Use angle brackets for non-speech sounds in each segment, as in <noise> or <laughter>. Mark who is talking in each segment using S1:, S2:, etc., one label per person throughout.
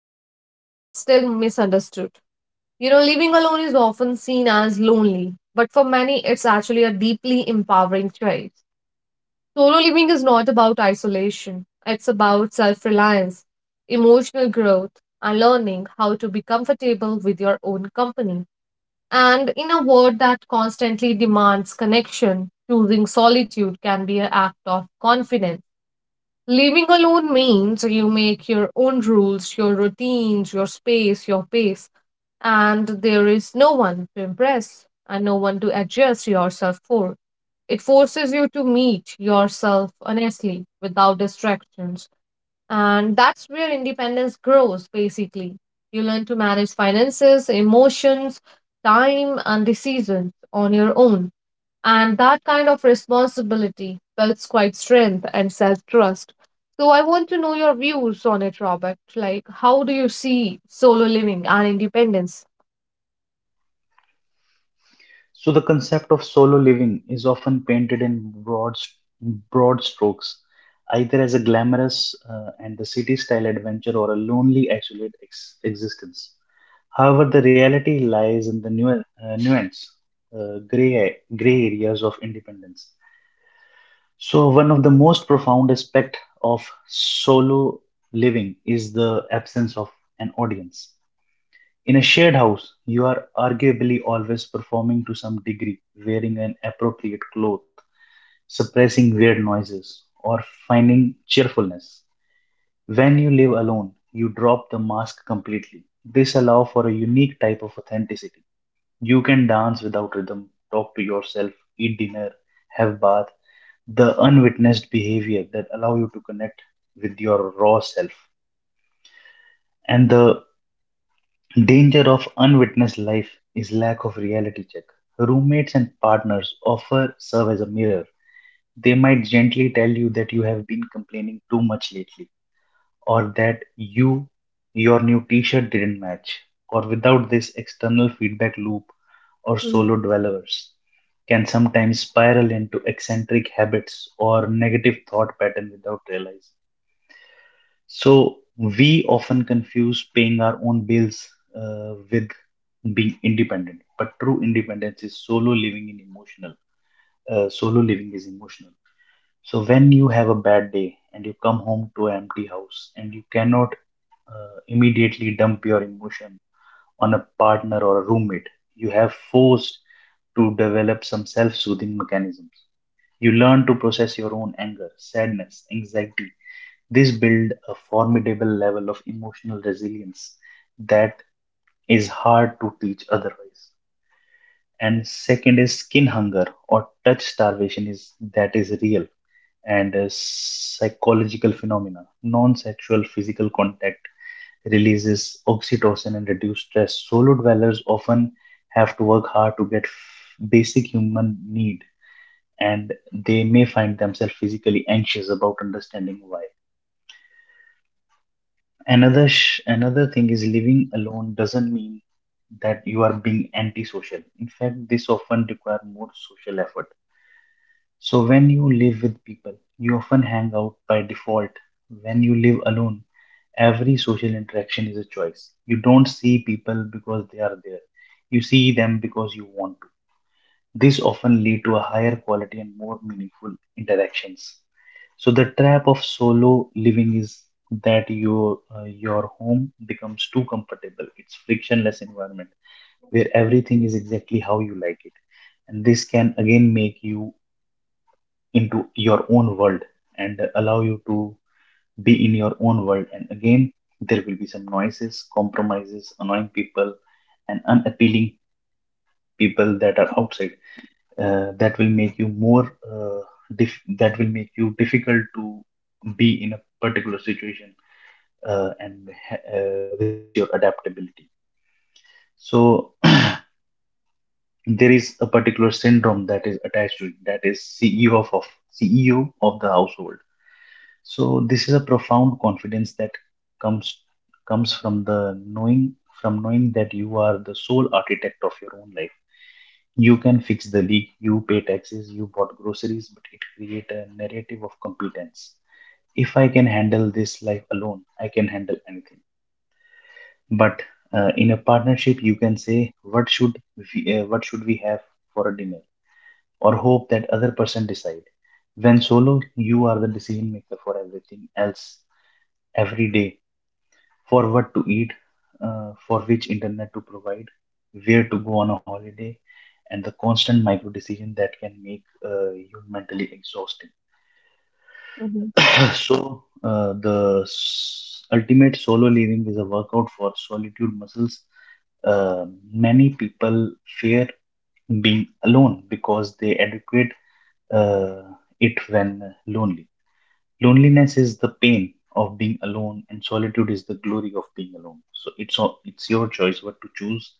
S1: Common yet still misunderstood. You know, living alone is often seen as lonely, but for many, it's actually a deeply empowering choice. Solo living is not about isolation, it's about self reliance, emotional growth, and learning how to be comfortable with your own company. And in a world that constantly demands connection, choosing solitude can be an act of confidence. Living alone means you make your own rules, your routines, your space, your pace, and there is no one to impress and no one to adjust yourself for. It forces you to meet yourself honestly without distractions. And that's where independence grows, basically. You learn to manage finances, emotions, time, and decisions on your own, and that kind of responsibility builds quite strength and self trust. So, I want to know your views on it, Robert. Like, how do you see solo living and independence?
S2: So the concept of solo living is often painted in broad, broad strokes, either as a glamorous and the city-style adventure or a lonely, isolated existence. However, the reality lies in the nuance, gray areas of independence. So one of the most profound aspect of solo living is the absence of an audience. In a shared house, you are arguably always performing to some degree, wearing an appropriate cloth, suppressing weird noises, or finding cheerfulness. When you live alone, you drop the mask completely. This allows for a unique type of authenticity. You can dance without rhythm, talk to yourself, eat dinner, have bath, the unwitnessed behavior that allow you to connect with your raw self. And the danger of unwitnessed life is lack of reality check. Roommates and partners offer serve as a mirror. They might gently tell you that you have been complaining too much lately, or that you your new t-shirt didn't match. Or without this external feedback loop or solo dwellers can sometimes spiral into eccentric habits or negative thought pattern without realizing. So we often confuse paying our own bills with being independent, but true independence is solo living in emotional solo living is emotional. So when you have a bad day and you come home to an empty house and you cannot immediately dump your emotion on a partner or a roommate, you have forced to develop some self-soothing mechanisms. You learn to process your own anger, sadness, anxiety. This builds a formidable level of emotional resilience that is hard to teach otherwise. And second is skin hunger or touch starvation, is that is real, and a psychological phenomena. Non-sexual physical contact releases oxytocin and reduce stress. Solo dwellers often have to work hard to get basic human need, and they may find themselves physically anxious about understanding why. Another thing is living alone doesn't mean that you are being antisocial. In fact, this often requires more social effort. So, when you live with people, you often hang out by default. When you live alone, every social interaction is a choice. You don't see people because they are there, you see them because you want to. This often leads to a higher quality and more meaningful interactions. So, the trap of solo living is that your home becomes too comfortable. It's frictionless environment where everything is exactly how you like it, and this can again make you into your own world and allow you to be in your own world. And again, there will be some noises, compromises, annoying people, and unappealing people that are outside. That will make you more, uh, that will make you difficult to be in a particular situation, and resist your adaptability. So, <clears throat> there is a particular syndrome that is attached to it, that is CEO of CEO of the household. So this is a profound confidence that comes comes from the knowing, from knowing that you are the sole architect of your own life. You can fix the leak, you pay taxes, you bought groceries, but it create a narrative of competence. If I can handle this life alone, I can handle anything. But in a partnership, you can say what should we have for a dinner, or hope that other person decide. When solo, you are the decision maker for everything else, every day, for what to eat, for which internet to provide, where to go on a holiday, and the constant micro decision that can make you mentally exhausting.
S1: Mm-hmm.
S2: <coughs> So ultimate solo living is a workout for solitude muscles. Uh, Many people fear being alone because they adequate uh, it when lonely. Loneliness is the pain of being alone and solitude is the glory of being alone. So it's your choice what to choose.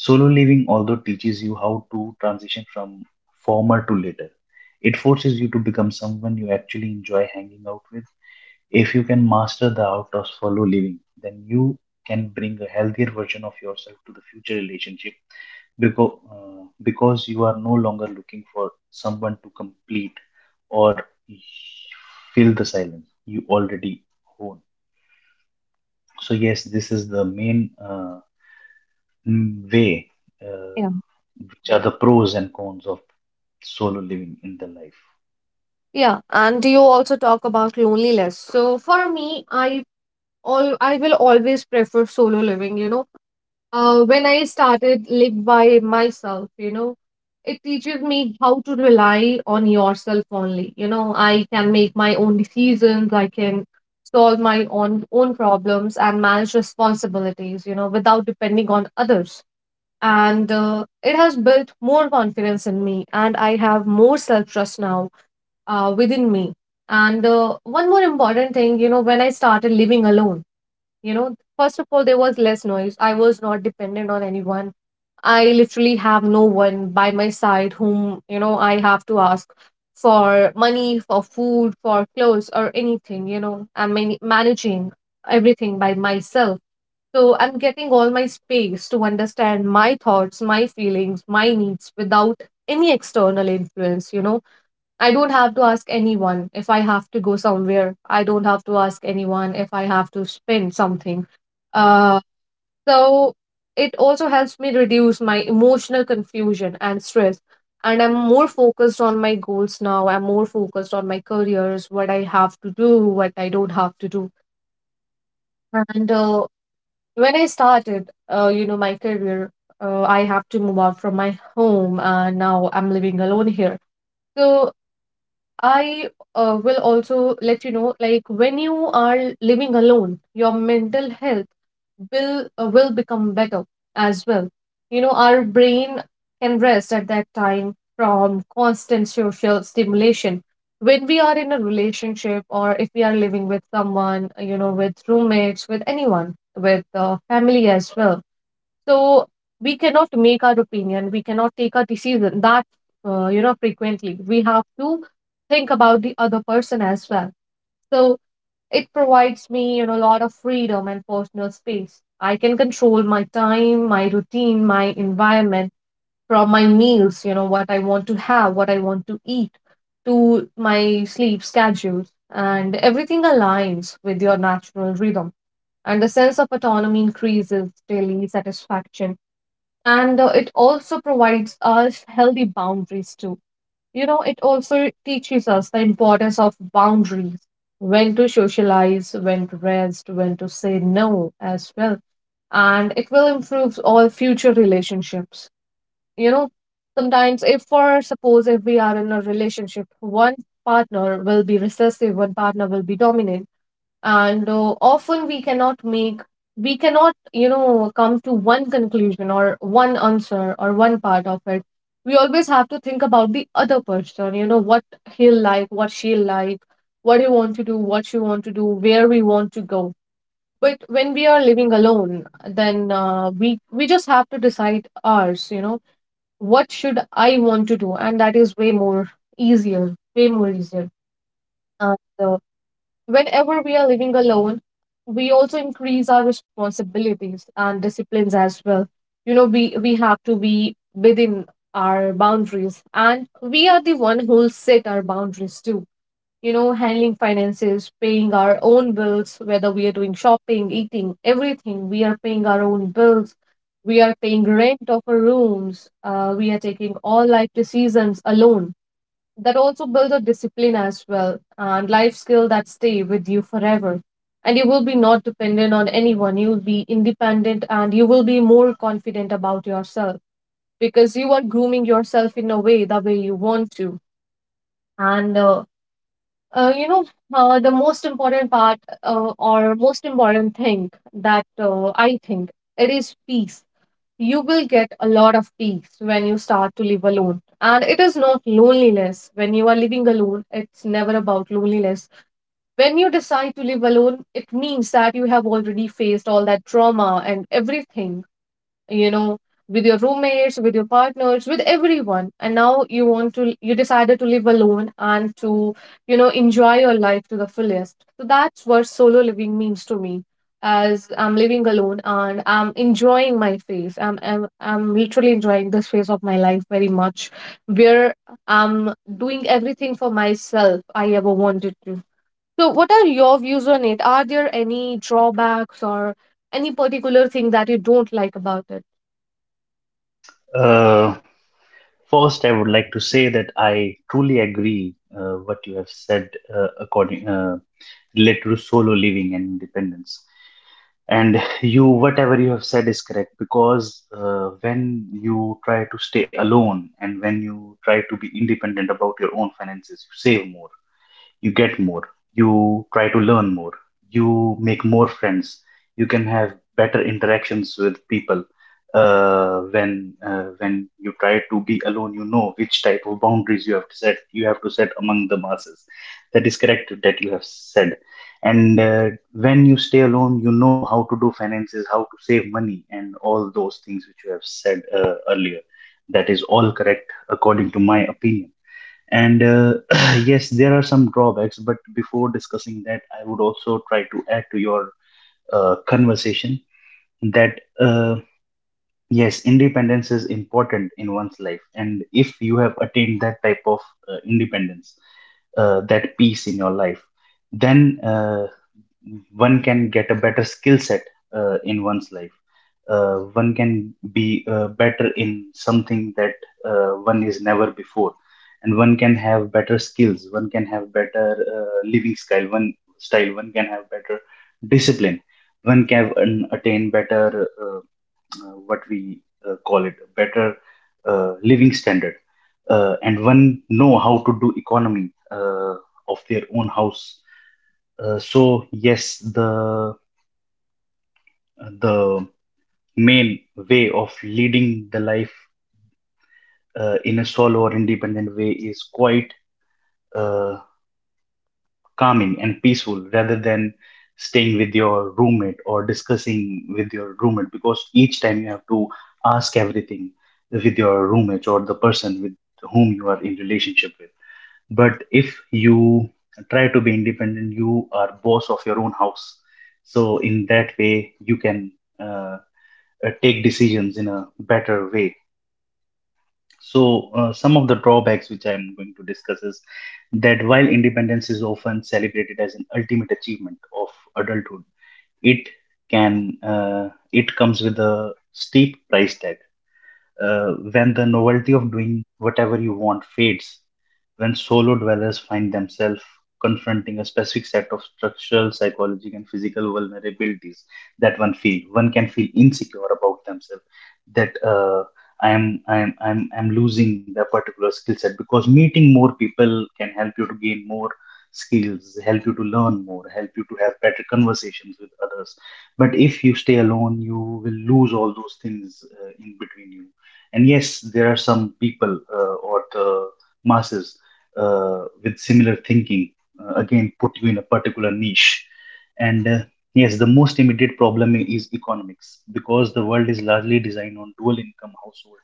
S2: Solo living although teaches you how to transition from former to later. It forces you to become someone you actually enjoy hanging out with. If you can master the art of solo living, then you can bring a healthier version of yourself to the future relationship, because you are no longer looking for someone to complete or fill the silence you already own. So, yes, this is the main way, uh,
S1: Yeah.
S2: which are the pros and cons of solo living in the life.
S1: Yeah, and you also talk about loneliness. So for me, I will always prefer solo living, you know, when I started live by myself, you know, it teaches me how to rely on yourself only. You know, I can make my own decisions. I can solve my own problems and manage responsibilities, you know, without depending on others. And it has built more confidence in me, and I have more self trust now within me. And one more important thing, you know, when I started living alone, you know, first of all, there was less noise. I was not dependent on anyone. I literally have no one by my side whom, you know, I have to ask for money, for food, for clothes, or anything. You know, I'm managing everything by myself, so I'm getting all my space to understand my thoughts, my feelings, my needs without any external influence. You know, I don't have to ask anyone if I have to go somewhere. I don't have to ask anyone if I have to spend something. Uh, so it also helps me reduce my emotional confusion and stress. And I'm more focused on my goals now. I'm more focused on my careers, what I have to do, what I don't have to do. And when I started, you know, my career, I have to move out from my home, and now I'm living alone here. So I will also let you know, like when you are living alone, your mental health will become better as well. You know, our brain can rest at that time from constant social stimulation. When we are in a relationship, or if we are living with someone, you know, with roommates, with anyone, with family as well, so we cannot make our opinion, we cannot take a decision that, you know, frequently, we have to think about the other person as well. So it provides me, you know, a lot of freedom and personal space. I can control my time, my routine, my environment, from my meals, you know, what I want to have, what I want to eat, to my sleep schedules, and everything aligns with your natural rhythm, and the sense of autonomy increases daily satisfaction. And it also provides us healthy boundaries too. You know, it also teaches us the importance of boundaries, when to socialize, when to rest, when to say no as well. And it will improve all future relationships, you know. Sometimes, if for suppose, if we are in a relationship, one partner will be recessive, one partner will be dominant, and often we cannot make, we cannot, you know, come to one conclusion or one answer or one part of it. We always have to think about the other person, you know, what he'll like, what she'll like, what he want to do, what she want to do, where we want to go. But when we are living alone, then we just have to decide ours, you know, what should I want to do. And that is way more easier, way more easier. And whenever we are living alone, we also increase our responsibilities and disciplines as well. You know, we have to be within our boundaries, and we are the one who'll set our boundaries too. You know, handling finances, paying our own bills, whether we are doing shopping, eating, everything, we are paying our own bills. We are paying rent of our rooms. We are taking all life decisions alone. That also builds a discipline as well, and life skill that stay with you forever. And you will be not dependent on anyone. You will be independent, and you will be more confident about yourself, because you are grooming yourself in a way, the way you want to. And You know, the most important part, or most important thing, that I think it is peace. You will get a lot of peace when you start to live alone. And it is not loneliness. When you are living alone, it's never about loneliness. When you decide to live alone, it means that you have already faced all that trauma and everything, you know, with your roommates, with your partners, with everyone, and now you want to, you decided to live alone and to, you know, enjoy your life to the fullest. So that's what solo living means to me, as I'm living alone and I'm enjoying my phase. I'm literally enjoying this phase of my life very much, where I'm doing everything for myself I ever wanted to. So what are your views on it? Are there any drawbacks or any particular thing that you don't like about it?
S2: Uh, First, I would like to say that I truly agree what you have said according related to solo living and independence. And you, whatever you have said is correct because when you try to stay alone and when you try to be independent about your own finances, you save more, you get more, you try to learn more, you make more friends, you can have better interactions with people. When you try to be alone, you know which type of boundaries you have to set. You have to set among the masses. That is correct, that you have said. And when you stay alone, you know how to do finances, how to save money, and all those things which you have said earlier. That is all correct according to my opinion. And <clears throat> yes, there are some drawbacks, but before discussing that, I would also try to add to your conversation that yes, independence is important in one's life. And if you have attained that type of independence, that peace in your life, then one can get a better skill set in one's life. One can be better in something that one is never before, and one can have better skills. One can have better living style. One can have better discipline. One can attain better what we call it better living standard. And one know how to do economy of their own house. So yes, the main way of leading the life in a solo or independent way is quite uh, calming and peaceful rather than staying with your roommate or discussing with your roommate, because each time you have to ask everything with your roommate or the person with whom you are in relationship with. But if you try to be independent, you are boss of your own house. So in that way, you can uh, take decisions in a better way. So, some of the drawbacks which I'm going to discuss is that while independence is often celebrated as an ultimate achievement of adulthood, it it comes with a steep price tag when the novelty of doing whatever you want fades, when solo dwellers find themselves confronting a specific set of structural, psychological, and physical vulnerabilities that one feel. One can feel insecure about themselves, that I'm losing the particular skill set, because meeting more people can help you to gain more skills, help you to learn more, help you to have better conversations with others. But if you stay alone, you will lose all those things in between you. And yes, there are some people or the masses with similar thinking, again, put you in a particular niche. And yes, the most immediate problem is economics, because the world is largely designed on dual income household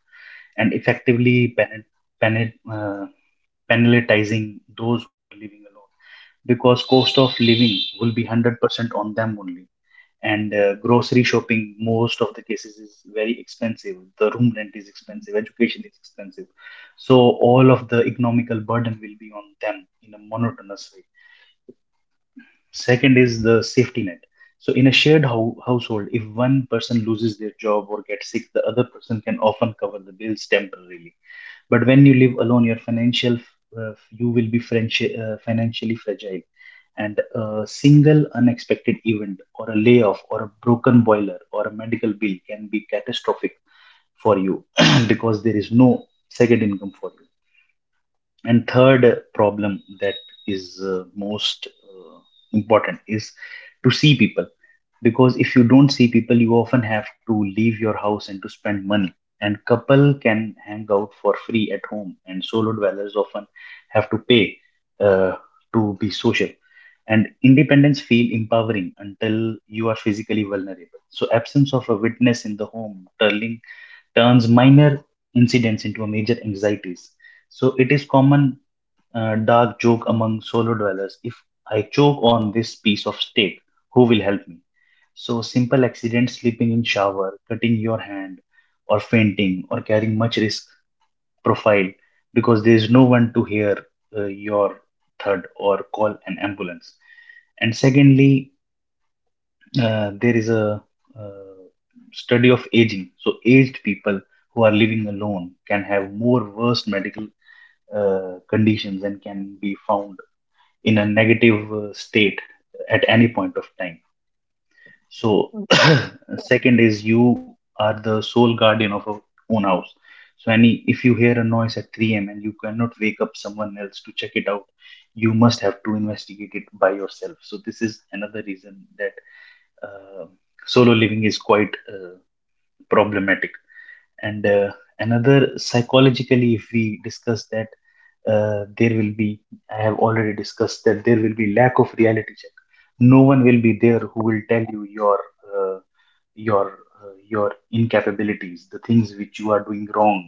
S2: and effectively pan- uh, penalizing those who are living alone, because cost of living will be 100% on them only. And grocery shopping most of the cases is very expensive, the room rent is expensive, education is expensive. So all of the economical burden will be on them in a monotonous way. Second is the safety net. So in a shared household, if one person loses their job or gets sick, the other person can often cover the bills temporarily. But when you live alone, your financial you will be financially fragile, and a single unexpected event, or a layoff, or a broken boiler, or a medical bill can be catastrophic for you, <clears throat> because there is no second income for you. And third problem that is most important is to see people, because if you don't see people, you often have to leave your house and to spend money. And couple can hang out for free at home, and solo dwellers often have to pay uh, to be social. And independence feel empowering until you are physically vulnerable. So absence of a witness in the home turning turns minor incidents into a major anxieties. So it is common dark joke among solo dwellers: if I choke on this piece of steak, who will help me? So simple accidents, slipping in shower, cutting your hand, or fainting, or carrying much risk profile, because there is no one to hear your thud or call an ambulance. And secondly, there is a uh, study of aging. So aged people who are living alone can have more worse medical conditions and can be found in a negative state at any point of time. So, <coughs> second is, you
S1: Mm,
S2: are the sole guardian of your own house. So, any if you hear a noise at 3 a.m. and you cannot wake up someone else to check it out, you must have to investigate it by yourself. So, this is another reason that uh, solo living is quite problematic. And another psychologically, if we discuss that, there will be I have already discussed that there will be lack of reality check. No one will be there who will tell you uh, your incapabilities, the things which you are doing wrong,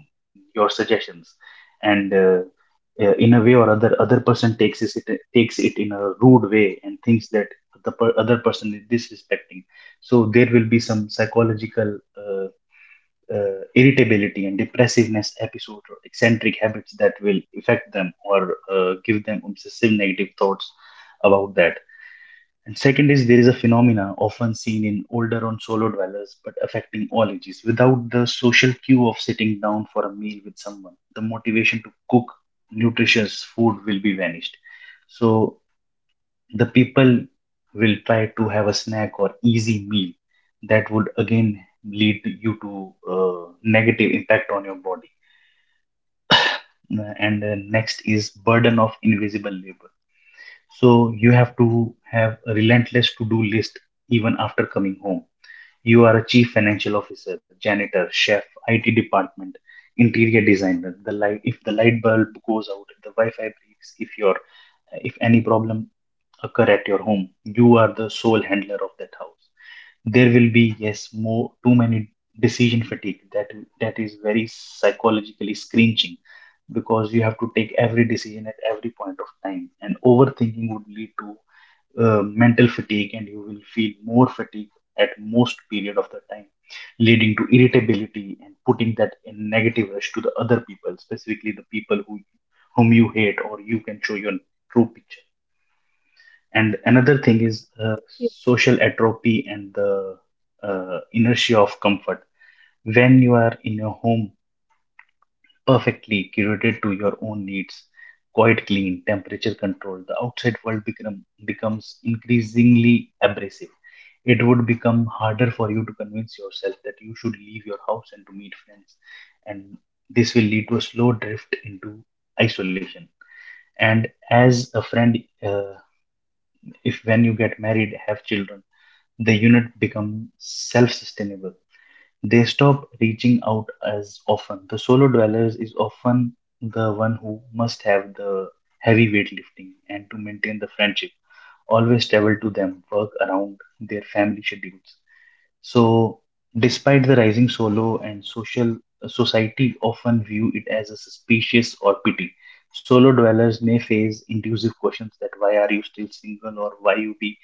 S2: your suggestions. And in a way or other, other person takes it in a rude way and thinks that the other person is disrespecting. So there will be some psychological uh, irritability and depressiveness episode or eccentric habits that will affect them or give them obsessive negative thoughts about that. And second is, there is a phenomena often seen in older on solo dwellers, but affecting all ages. Without the social cue of sitting down for a meal with someone, the motivation to cook nutritious food will be vanished. So the people will try to have a snack or easy meal that would again lead you to negative impact on your body. And next is burden of invisible labor. So you have to have a relentless to do list. Even after coming home, you are a chief financial officer, janitor, chef, IT department, interior designer. The light, if the light bulb goes out, if the wi-fi breaks, if your, if any problem occur at your home, you are the sole handler of that house. There will be, yes, more too many decision fatigue, that is very psychologically screenching, because you have to take every decision at every point of time, and overthinking would lead to mental fatigue, and you will feel more fatigue at most period of the time, leading to irritability and putting that in negative rush to the other people, specifically the people whom you hate or you can show your true picture. And another thing is social atrophy
S1: y-
S2: and the inertia of comfort. When you are in a home perfectly curated to your own needs, quite clean, temperature controlled, the outside world becomes increasingly abrasive. It would become harder for you to convince yourself that you should leave your house and to meet friends. And this will lead to a slow drift into isolation. And as a friend, uh, if when you get married, have children, the unit become self-sustainable. They stop reaching out as often. The solo dwellers is often the one who must have the heavy weightlifting and to maintain the friendship, always travel to them, work around their family schedules. So, despite the rising solo and social, society often view it as a suspicious or pity. Solo dwellers may face intrusive questions: that why are you still single, or why you be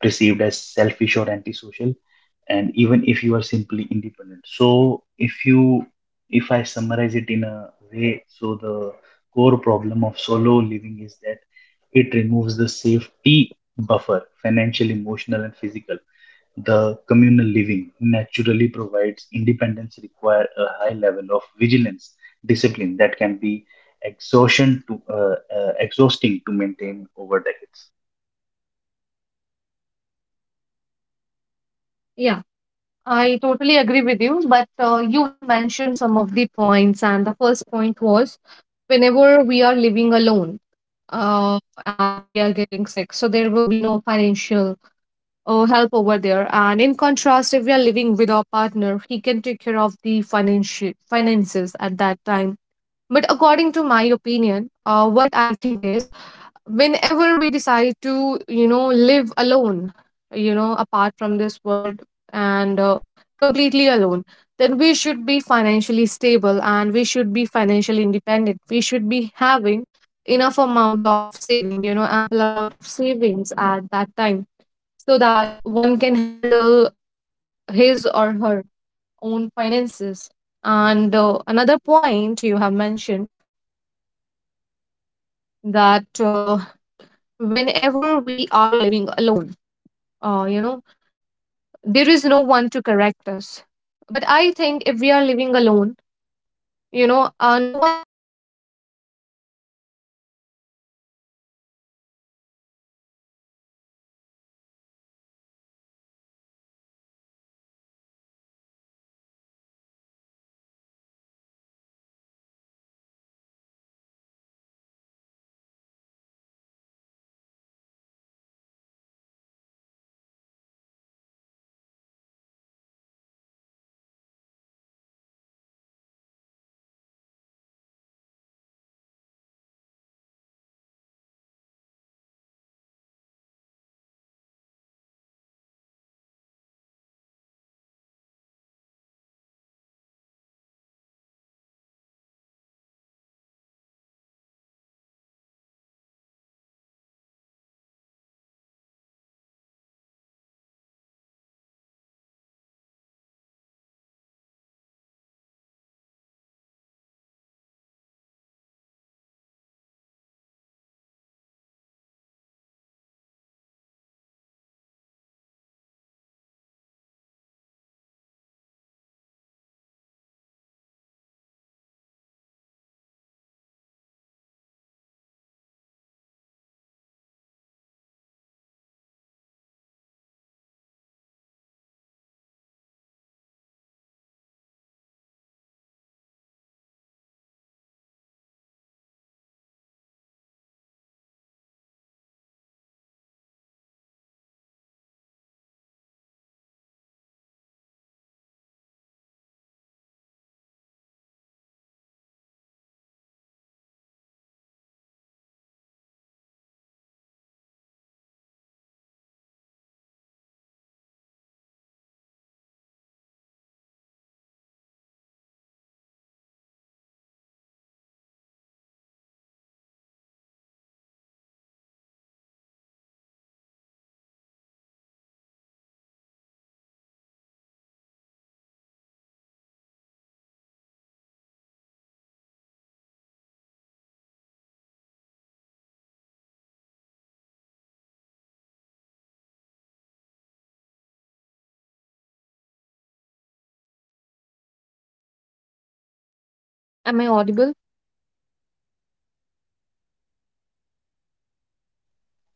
S2: perceived as selfish or antisocial, and even if you are simply independent. So if I summarize it in a way, so the core problem of solo living is that it removes the safety buffer, financial, emotional, and physical, the communal living naturally provides. Independence require a high level of vigilance, discipline that can be exhaustion to exhausting to maintain over decades.
S1: Yeah, I totally agree with you. But you have mentioned some of the points, and the first point was, whenever we are living alone and we are getting sick, so there will be no financial help over there. And in contrast, if we are living with our partner, he can take care of the financial finances at that time. But according to my opinion, what I think is, whenever we decide to, you know, live alone, you know, apart from this world, and completely alone, then we should be financially stable, and we should be financially independent. We should be having enough amount of saving, you know, ample amount of savings at that time, so that one can handle his or her own finances. And another point you have mentioned, that whenever we are living alone, you know, there is no one to correct us. But I think if we are living alone, you know, no one has the right to correct us. We can decide what we can do. We can decide, you know, what path needs to be followed. Am I audible?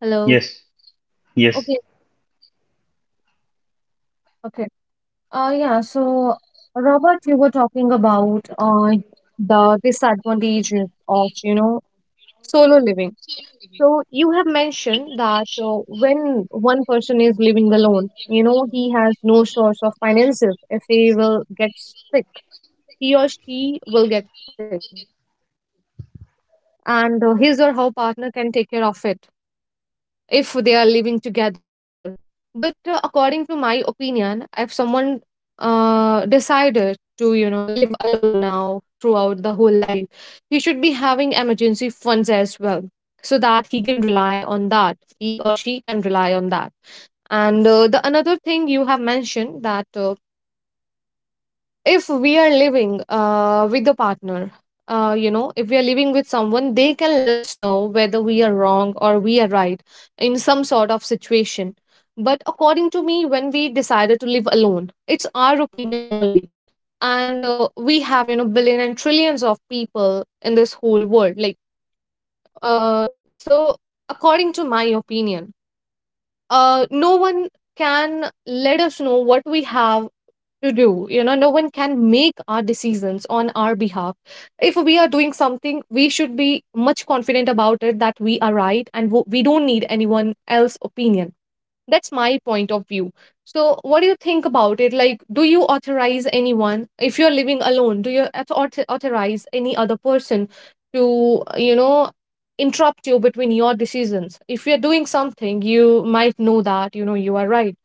S1: Hello.
S2: Yes. Yes.
S1: Okay, okay. Yeah, so Robert, you were talking about the disadvantages of, you know, solo living. So you have mentioned that when one person is living alone, you know, he has no source of finances. If he will get sick, he or she will get sick, and his or her partner can take care of it, if they are living together. But according to my opinion, if someone decided to, you know, live alone now throughout the whole life, he should be having emergency funds as well, so that he can rely on that. He or she can rely on that. And the another thing you have mentioned, that if we are living with a partner, you know, if we are living with someone, they can let us know whether we are wrong or we are right in some sort of situation. But according to me, when we decided to live alone, it's our opinion only. And we have, you know, billion and trillions of people in this whole world, like, so according to my opinion, no one can let us know what we have to do. You know, no one can make our decisions on our behalf. If we are doing something, be much confident about it that we are right, and we don't need anyone else's opinion. That's my point of view. So, what do you think about it? Like, do you authorize anyone if you're living alone? Do you authorize any other person to, you know, interrupt you between your decisions? If you're doing something, you might know that, you know, you are right,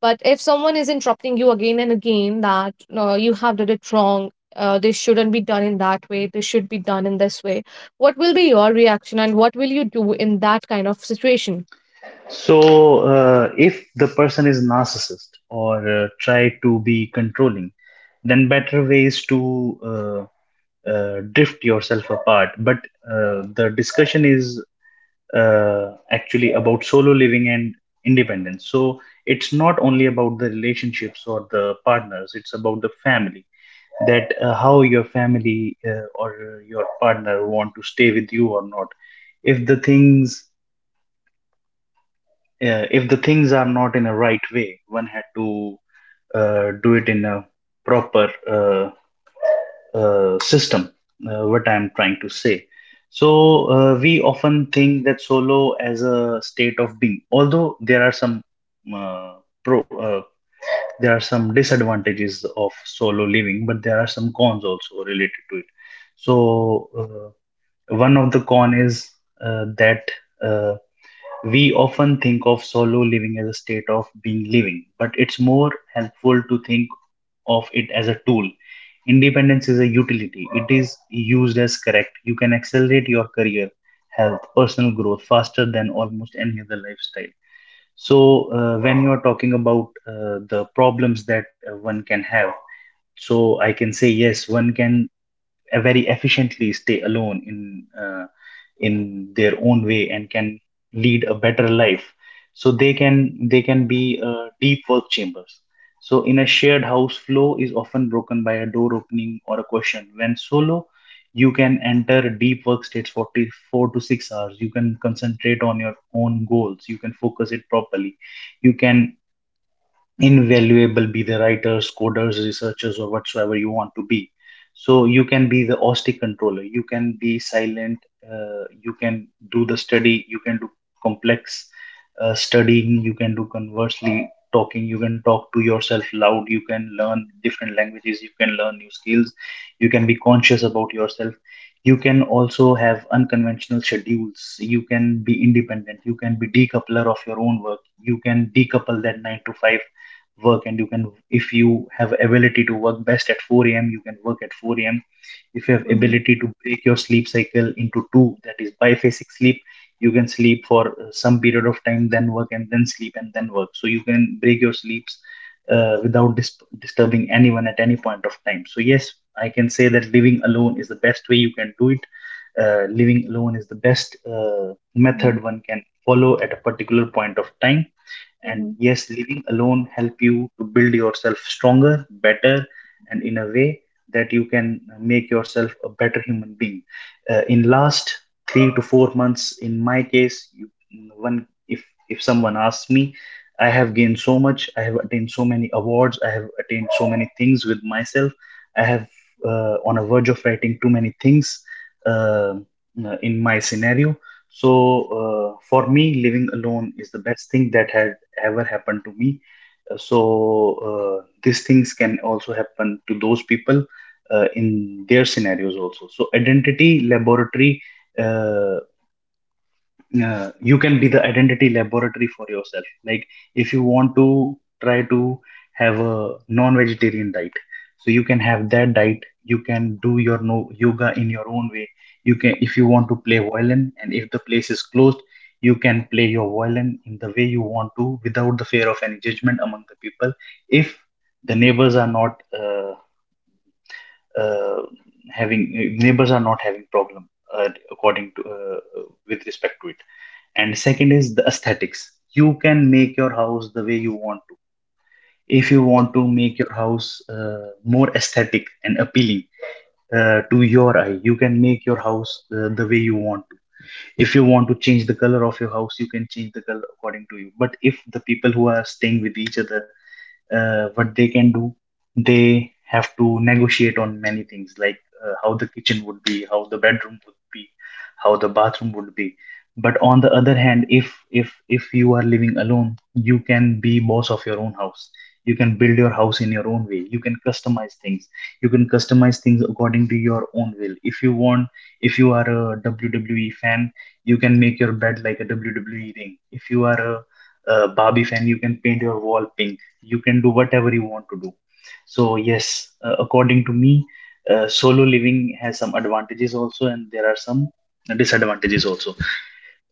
S1: but if someone is interrupting you again and again, that no, you have did it wrong, this shouldn't be done in that way, this should be done in this way, what will be your reaction, and what will you do in that kind of situation?
S2: So, if the person is narcissist or try to be controlling, then better ways to drift yourself apart. But the discussion is actually about solo living and independence. So, it's not only about the relationships or the partners, it's about the family. That how your family, or your partner, want to stay with you or not. If the things if the things are not in a right way, one had to do it in a proper system, what I'm trying to say. So, we often think that solo as a state of being. Although there are some uh, pro, uh, there are some disadvantages of solo living, but there are some cons also related to it. So, one of the con is that uh, we often think of solo living as a state of being living, but it's more helpful to think of it as a tool. Independence is a utility, it is used as correct. You can accelerate your career, health, personal growth faster than almost any other lifestyle. So, when you're talking about the problems that one can have, so I can say, yes, one can very efficiently stay alone in their own way and can lead a better life. So they can be deep work chambers. So in a shared house, flow is often broken by a door opening or a question. When solo, you can enter deep work states for 4 to 6 hours. You can concentrate on your own goals, you can focus it properly, you can invaluable be the writers, coders, researchers, or whatsoever you want to be. So you can be the OSTI controller, you can be silent, you can do the study, you can do complex studying, you can do conversely talking, you can talk to yourself loud, you can learn different languages, you can learn new skills, you can be conscious about yourself. You can also have unconventional schedules, you can be independent, you can be decoupler of your own work, you can decouple that 9 to 5 work. And you can, if you have ability to work best at 4 a.m., you can work at 4 a.m. If you have ability to break your sleep
S1: Mm-hmm.
S2: cycle into two, that is biphasic sleep, you can sleep for some period of time, then work, and then sleep, and then work. So you can break your sleeps without disturbing anyone at any point of time. So yes, I can say that living alone is the best way you can do it. Living alone is the best method one can follow at a
S1: Mm-hmm.
S2: particular point of time. And yes, living alone
S1: Mm-hmm.
S2: help you to build yourself stronger, better, and in a way that you can make yourself a better human being. In last 3 to 4 months, in my case, you, one if someone asks me, I have gained so much. I have attained so many awards. I have attained so many things with myself. I have on a verge of writing too many things uh, in my scenario. So for me, living alone is the best thing that has ever happened to me. So these things can also happen to those people in their scenarios also. So, identity laboratory. Uh, you can be the identity laboratory for yourself. Like, if you want to try to have a non-vegetarian diet, so you can have that diet. You can do your no yoga in your own way. You can, if you want to play violin and if the place is closed, you can play your violin in the way you want to without the fear of any judgment among the people. If the neighbors are not uh, uh, having neighbors are not having problem, according to with respect to it. And second is the aesthetics. You can make your house the way you want to. If you want to make your house more aesthetic and appealing to your eye, you can make your house the way you want to. If you want to change the color of your house, you can change the color according to you. But if the people who are staying with each other, what they can do, they have to negotiate on many things, like, how the kitchen would be, how the bedroom would be, how the bathroom would be. But on the other hand, if you are living alone, you can be boss of your own house. You can build your house in your own way, you can customize things according to your own will if you want. If you are a WWE fan, you can make your bed like a WWE ring. If you are a Barbie fan, you can paint your wall pink. You can do whatever you want to do. So yes, according to me, solo living has some advantages also, and there are some disadvantages also.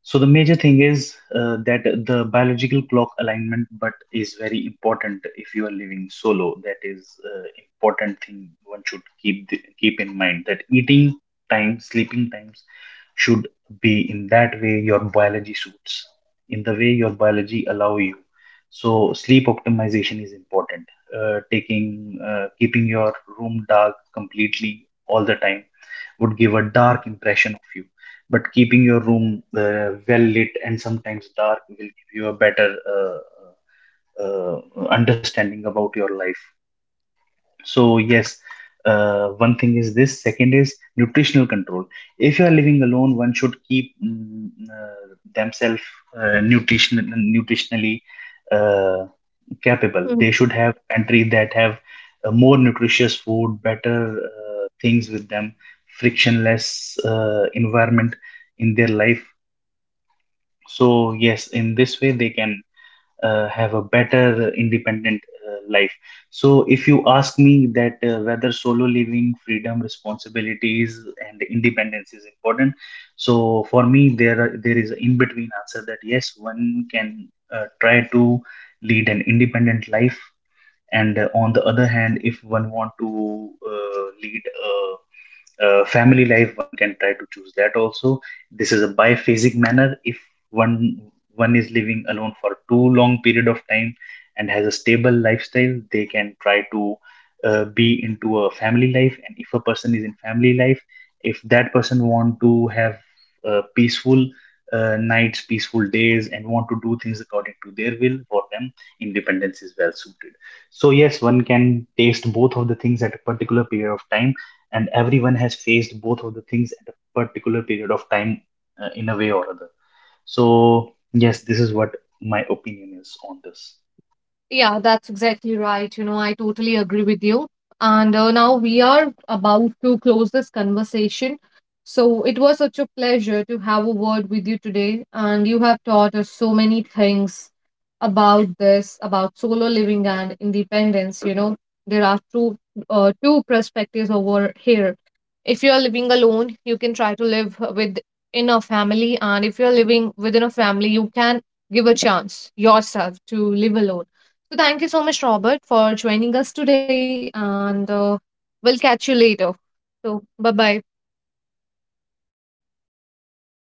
S2: So the major thing is that the biological clock alignment, but is very important if you are living solo. That is important thing one should keep in mind, that eating time, sleeping times should be in that way your biology suits, in the way your biology allow you. So sleep optimization is important. Taking Keeping your room dark completely all the time would give a dark impression of you. But keeping your room well lit and sometimes dark will give you a better uh, understanding about your life. So, yes, one thing is this. Second is nutritional control. If you are living alone, one should keep themselves uh, nutrition, nutritionally uh, capable.
S1: Yeah.
S2: They should have countries that have more nutritious food, better things with them, frictionless environment in their life. So yes, in this way they can have a better independent life. So if you ask me that whether solo living, freedom, responsibilities, and independence is important, so for me there is an in between answer, that yes, one can try to lead an independent life. And on the other hand, if one want to lead a family life, one can try to choose that also. This is a biphasic manner. If one one is living alone for too long period of time and has a stable lifestyle, they can try to be into a family life. And if a person is in family life, if that person want to have peaceful nights, peaceful days, and want to do things according to their will, for them independence is well suited. So yes, one can taste both of the things at a particular period of time, and everyone has faced both of the things at a particular period of time in a way or other. So yes, this is what my opinion is on this.
S1: Yeah, that's exactly right. You know, I totally agree with you. And now we are about to close this conversation. So it was such a pleasure to have a word with you today. And you have taught us so many things about this, about solo living and independence. You know, there are two two perspectives over here. If you are living alone, you can try to live with in a family, and if you are living within a family, you can give a chance yourself to live alone. So thank you so much, Robert, for joining us today, and we'll catch you later. So bye bye.
S2: Thank you.